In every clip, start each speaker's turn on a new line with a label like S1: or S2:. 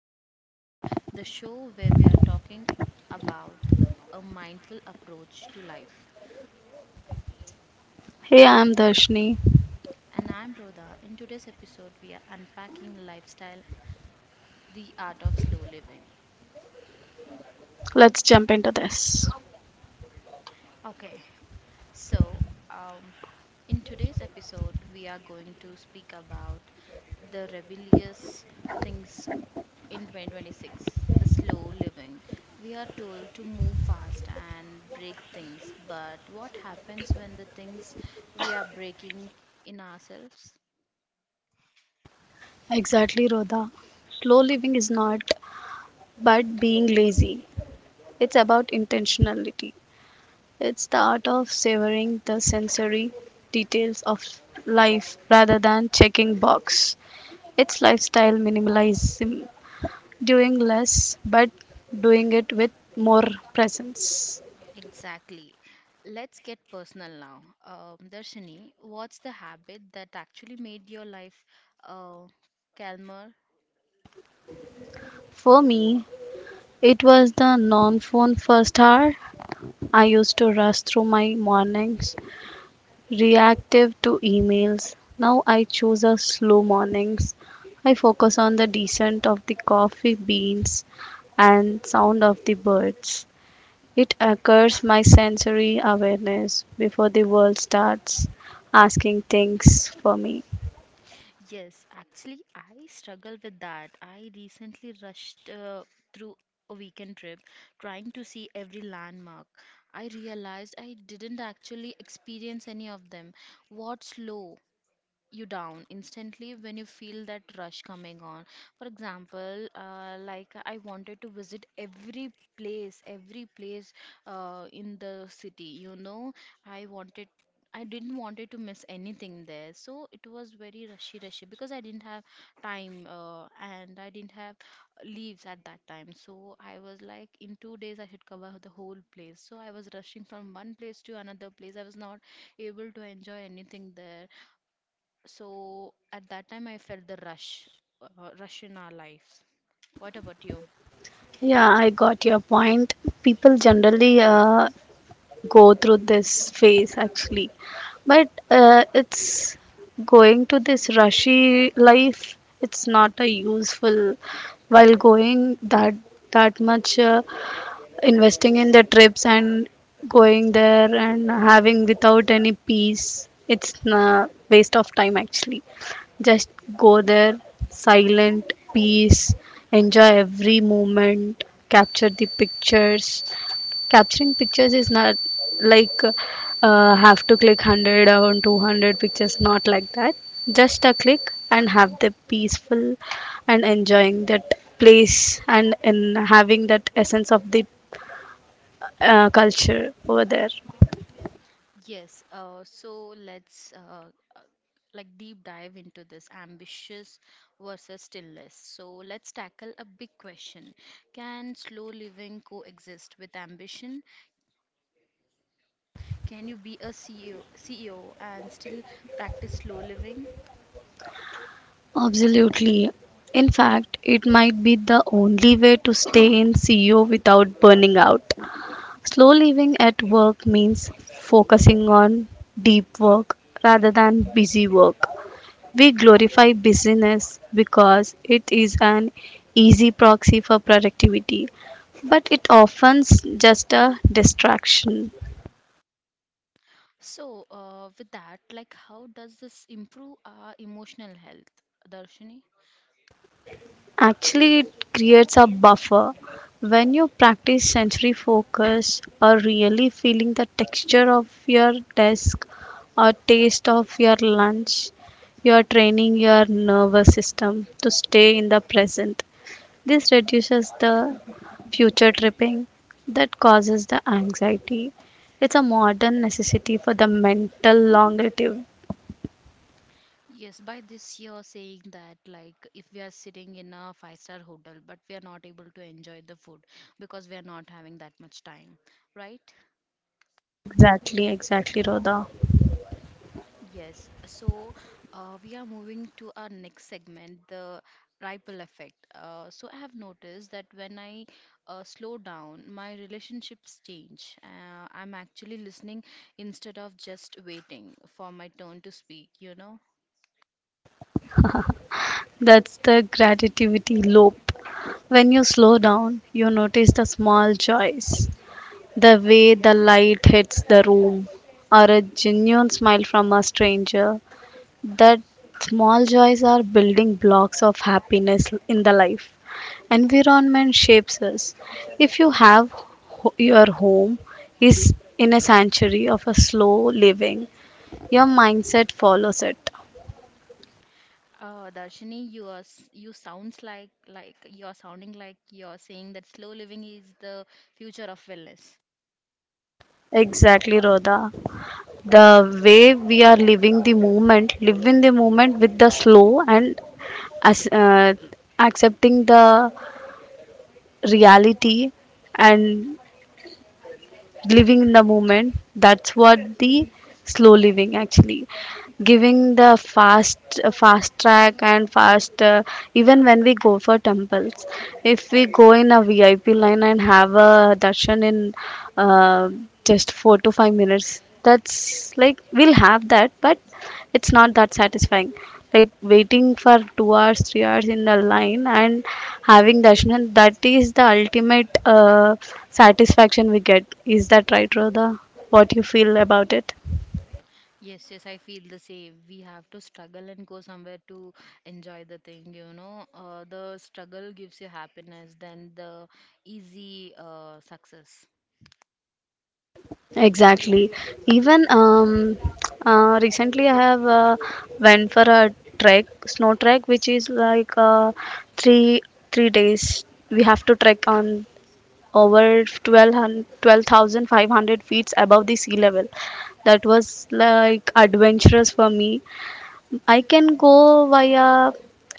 S1: Gentle Pace, the show where we are talking about a mindful approach to life.
S2: Hey, I'm Darshni.
S1: And I'm Rhoda. In today's episode, we are unpacking lifestyle, the art of slow living.
S2: Let's jump into this.
S1: Okay, so um, in today's episode, we are going to speak about the rebellious things in 2026, the slow living. We are told to move fast and break things, but what happens when the things we are breaking in ourselves?
S2: Exactly, Rhoda. Slow living is not but being lazy. It's about intentionality. It's the art of savoring the sensory details of life rather than checking box. It's lifestyle minimalism, doing less but doing it with more presence.
S1: Exactly. Let's get personal now. Darshini, what's the habit that actually made your life uh, calmer?
S2: For me, it was the non phone first hour. I used to rush through my mornings reactive to emails. Now I choose a slow mornings. I focus on the descent of the coffee beans and sound of the birds. It occurs my sensory awareness before the world starts asking things for me.
S1: Yes, actually, I struggle with that. I recently rushed through a weekend trip trying to see every landmark. I realized I didn't actually experience any of them. What's slow you down instantly when you feel that rush coming on? For example, like I wanted to visit every place in the city, you know, I wanted. I didn't wanted to miss anything there, so it was very rushy because I didn't have time and I didn't have leaves at that time. So I was like, in 2 days I had cover the whole place. So I was rushing from one place to another place. I was not able to enjoy anything there. So at that time, I felt the rush in our lives. What about you?
S2: Yeah, I got your point. People generally go through this phase actually. But it's going to this rushy life. It's not a useful while going that much investing in the trips and going there and having without any peace. It's a waste of time actually. Just go there, silent, peace, enjoy every moment, capture the pictures, capturing pictures is not like have to click 100 or 200 pictures not like that just a click and have the peaceful and enjoying that place and in having that essence of the culture over there.
S1: Yes, so let's uh, like deep dive into this ambitious versus stillness. So let's tackle a big question. Can slow living coexist with ambition? Can you be a CEO and still practice slow living?
S2: Absolutely. In fact, it might be the only way to stay in CEO without burning out. Slow living at work means focusing on deep work rather than busy work. We glorify busyness because it is an easy proxy for productivity, but it often's just a distraction.
S1: So with that, like how does this improve our emotional health, Darshini?
S2: Actually, it creates a buffer. When you practice sensory focus or really feeling the texture of your desk or taste of your lunch, you are training your nervous system to stay in the present. This reduces the future tripping that causes the anxiety. It's a modern necessity for the mental longevity.
S1: Yes, by this you're saying that like if we are sitting in a five-star hotel, but we are not able to enjoy the food because we are not having that much time, right?
S2: Exactly, exactly, Rhoda.
S1: Yes. So we are moving to our next segment, the ripple effect. So I have noticed that when I slow down, my relationships change. I'm actually listening instead of just waiting for my turn to speak. You know.
S2: That's the gratitude loop. When you slow down, you notice the small joys, the way the light hits the room, or a genuine smile from a stranger. That small joys are building blocks of happiness in the life. Environment shapes us. If you have your home is in a sanctuary of a slow living, your mindset follows it.
S1: Oh, Darshini, you are s- you sounds like you're sounding like you're saying that slow living is the future of wellness.
S2: Exactly, Rhoda. The way we are living the moment, live in the moment with the slow and, as, uh, accepting the reality and living in the moment, that's what the slow living actually giving the fast track and fast, even when we go for temples, if we go in a VIP line and have a darshan in uh, just 4 to 5 minutes, that's like we'll have that, but it's not that satisfying like waiting for 2 hours 3 hours in the line and having darshan, that is the ultimate satisfaction we get. Is that right, Rhoda? What you feel about it?
S1: Yes, yes, I feel the same. We have to struggle and go somewhere to enjoy the thing, you know. The struggle gives you happiness than the easy success.
S2: Exactly. Even recently, I have went for a trek, snow trek, which is like three three days. We have to trek on over 12,500 feet above the sea level. That was like adventurous for me. I can go via,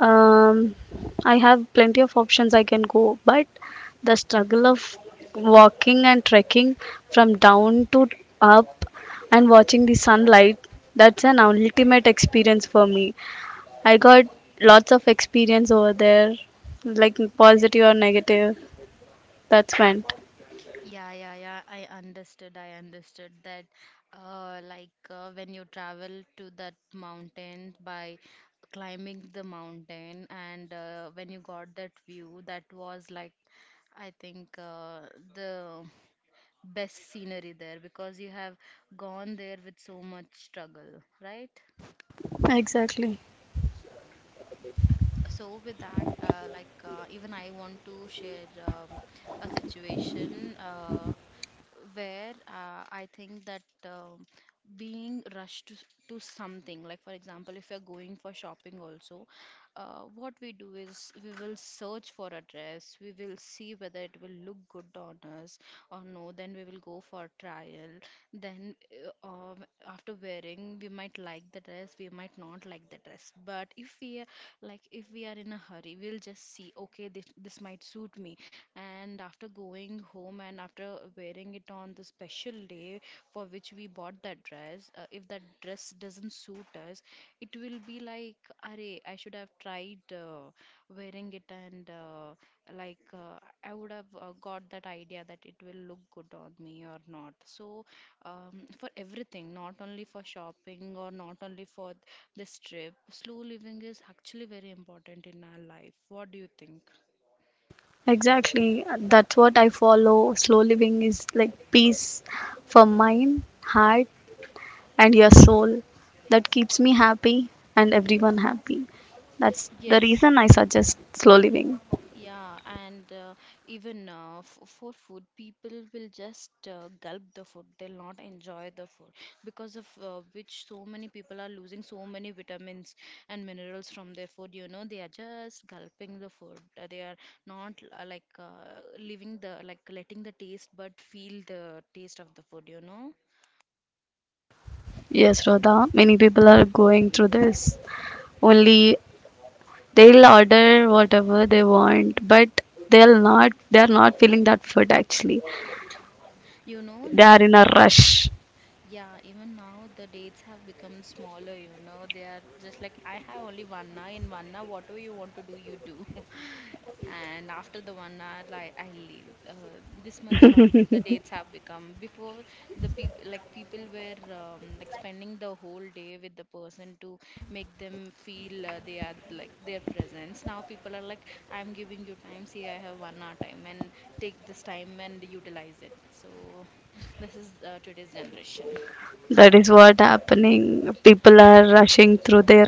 S2: um, I have plenty of options I can go, but the struggle of walking and trekking from down to up and watching the sunlight, that's an ultimate experience for me. I got lots of experience over there, like positive or negative, that's went.
S1: Yeah. I understood. I understood that, when you travel to that mountain by climbing the mountain, and when you got that view, that was like, I think, the best scenery there because you have gone there with so much struggle, right?
S2: Exactly.
S1: So with that, even I want to share a situation. Where I think that being rushed to something, like for example, if you're going for shopping also, what we do is we will search for a dress, we will see whether it will look good on us or no, then we will go for trial, then uh, um, after wearing, we might like the dress, we might not like the dress. But if we are in a hurry, we'll just see, okay, this might suit me. And after going home and after wearing it on the special day for which we bought that dress, if that dress doesn't suit us, it will be like, "Arey, I should have tried wearing it, and like uh, I would have got that idea that it will look good on me or not." So, for everything, not only for shopping or not only for this trip, slow living is actually very important in our life. What do you think?
S2: Exactly. That's what I follow. Slow living is like peace for mind, heart, and your soul. That keeps me happy and everyone happy. That's the
S1: Yes.
S2: reason I suggest slow living.
S1: Yeah, and even f For food, people will just gulp the food. They'll not enjoy the food because of which so many people are losing so many vitamins and minerals from their food. You know, they are just gulping the food. They are not like leaving the like letting the taste, but feel the taste of the food. You know,
S2: Yes, Radha, many people are going through this. Only they'll order whatever they want, but they're not feeling that food actually.
S1: you know
S2: They are
S1: now.
S2: in a rush.
S1: Yeah, even now the dates have become smaller, you know. They are just like, I have only 1 hour. In 1 hour, whatever you want to do, you do. And after the 1 hour, I leave. This much short the dates have become. Before, the people, like people were like spending the whole day with the person to make them feel they are like their presence. Now people are like, I'm giving you time. See, I have 1 hour time, and take this time and utilize it. So this is today's generation.
S2: That is what happening. People are rushing through their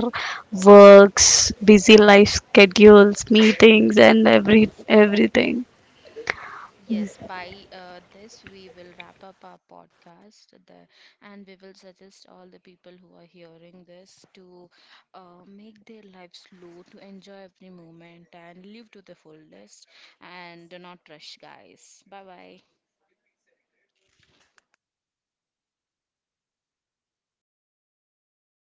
S2: works, busy life schedules, meetings, and everything.
S1: Yes, by this we will wrap up our podcast, and we will suggest all the people who are hearing this to make their lives slow, to enjoy every moment and live to the fullest, and do not rush, guys. Bye bye.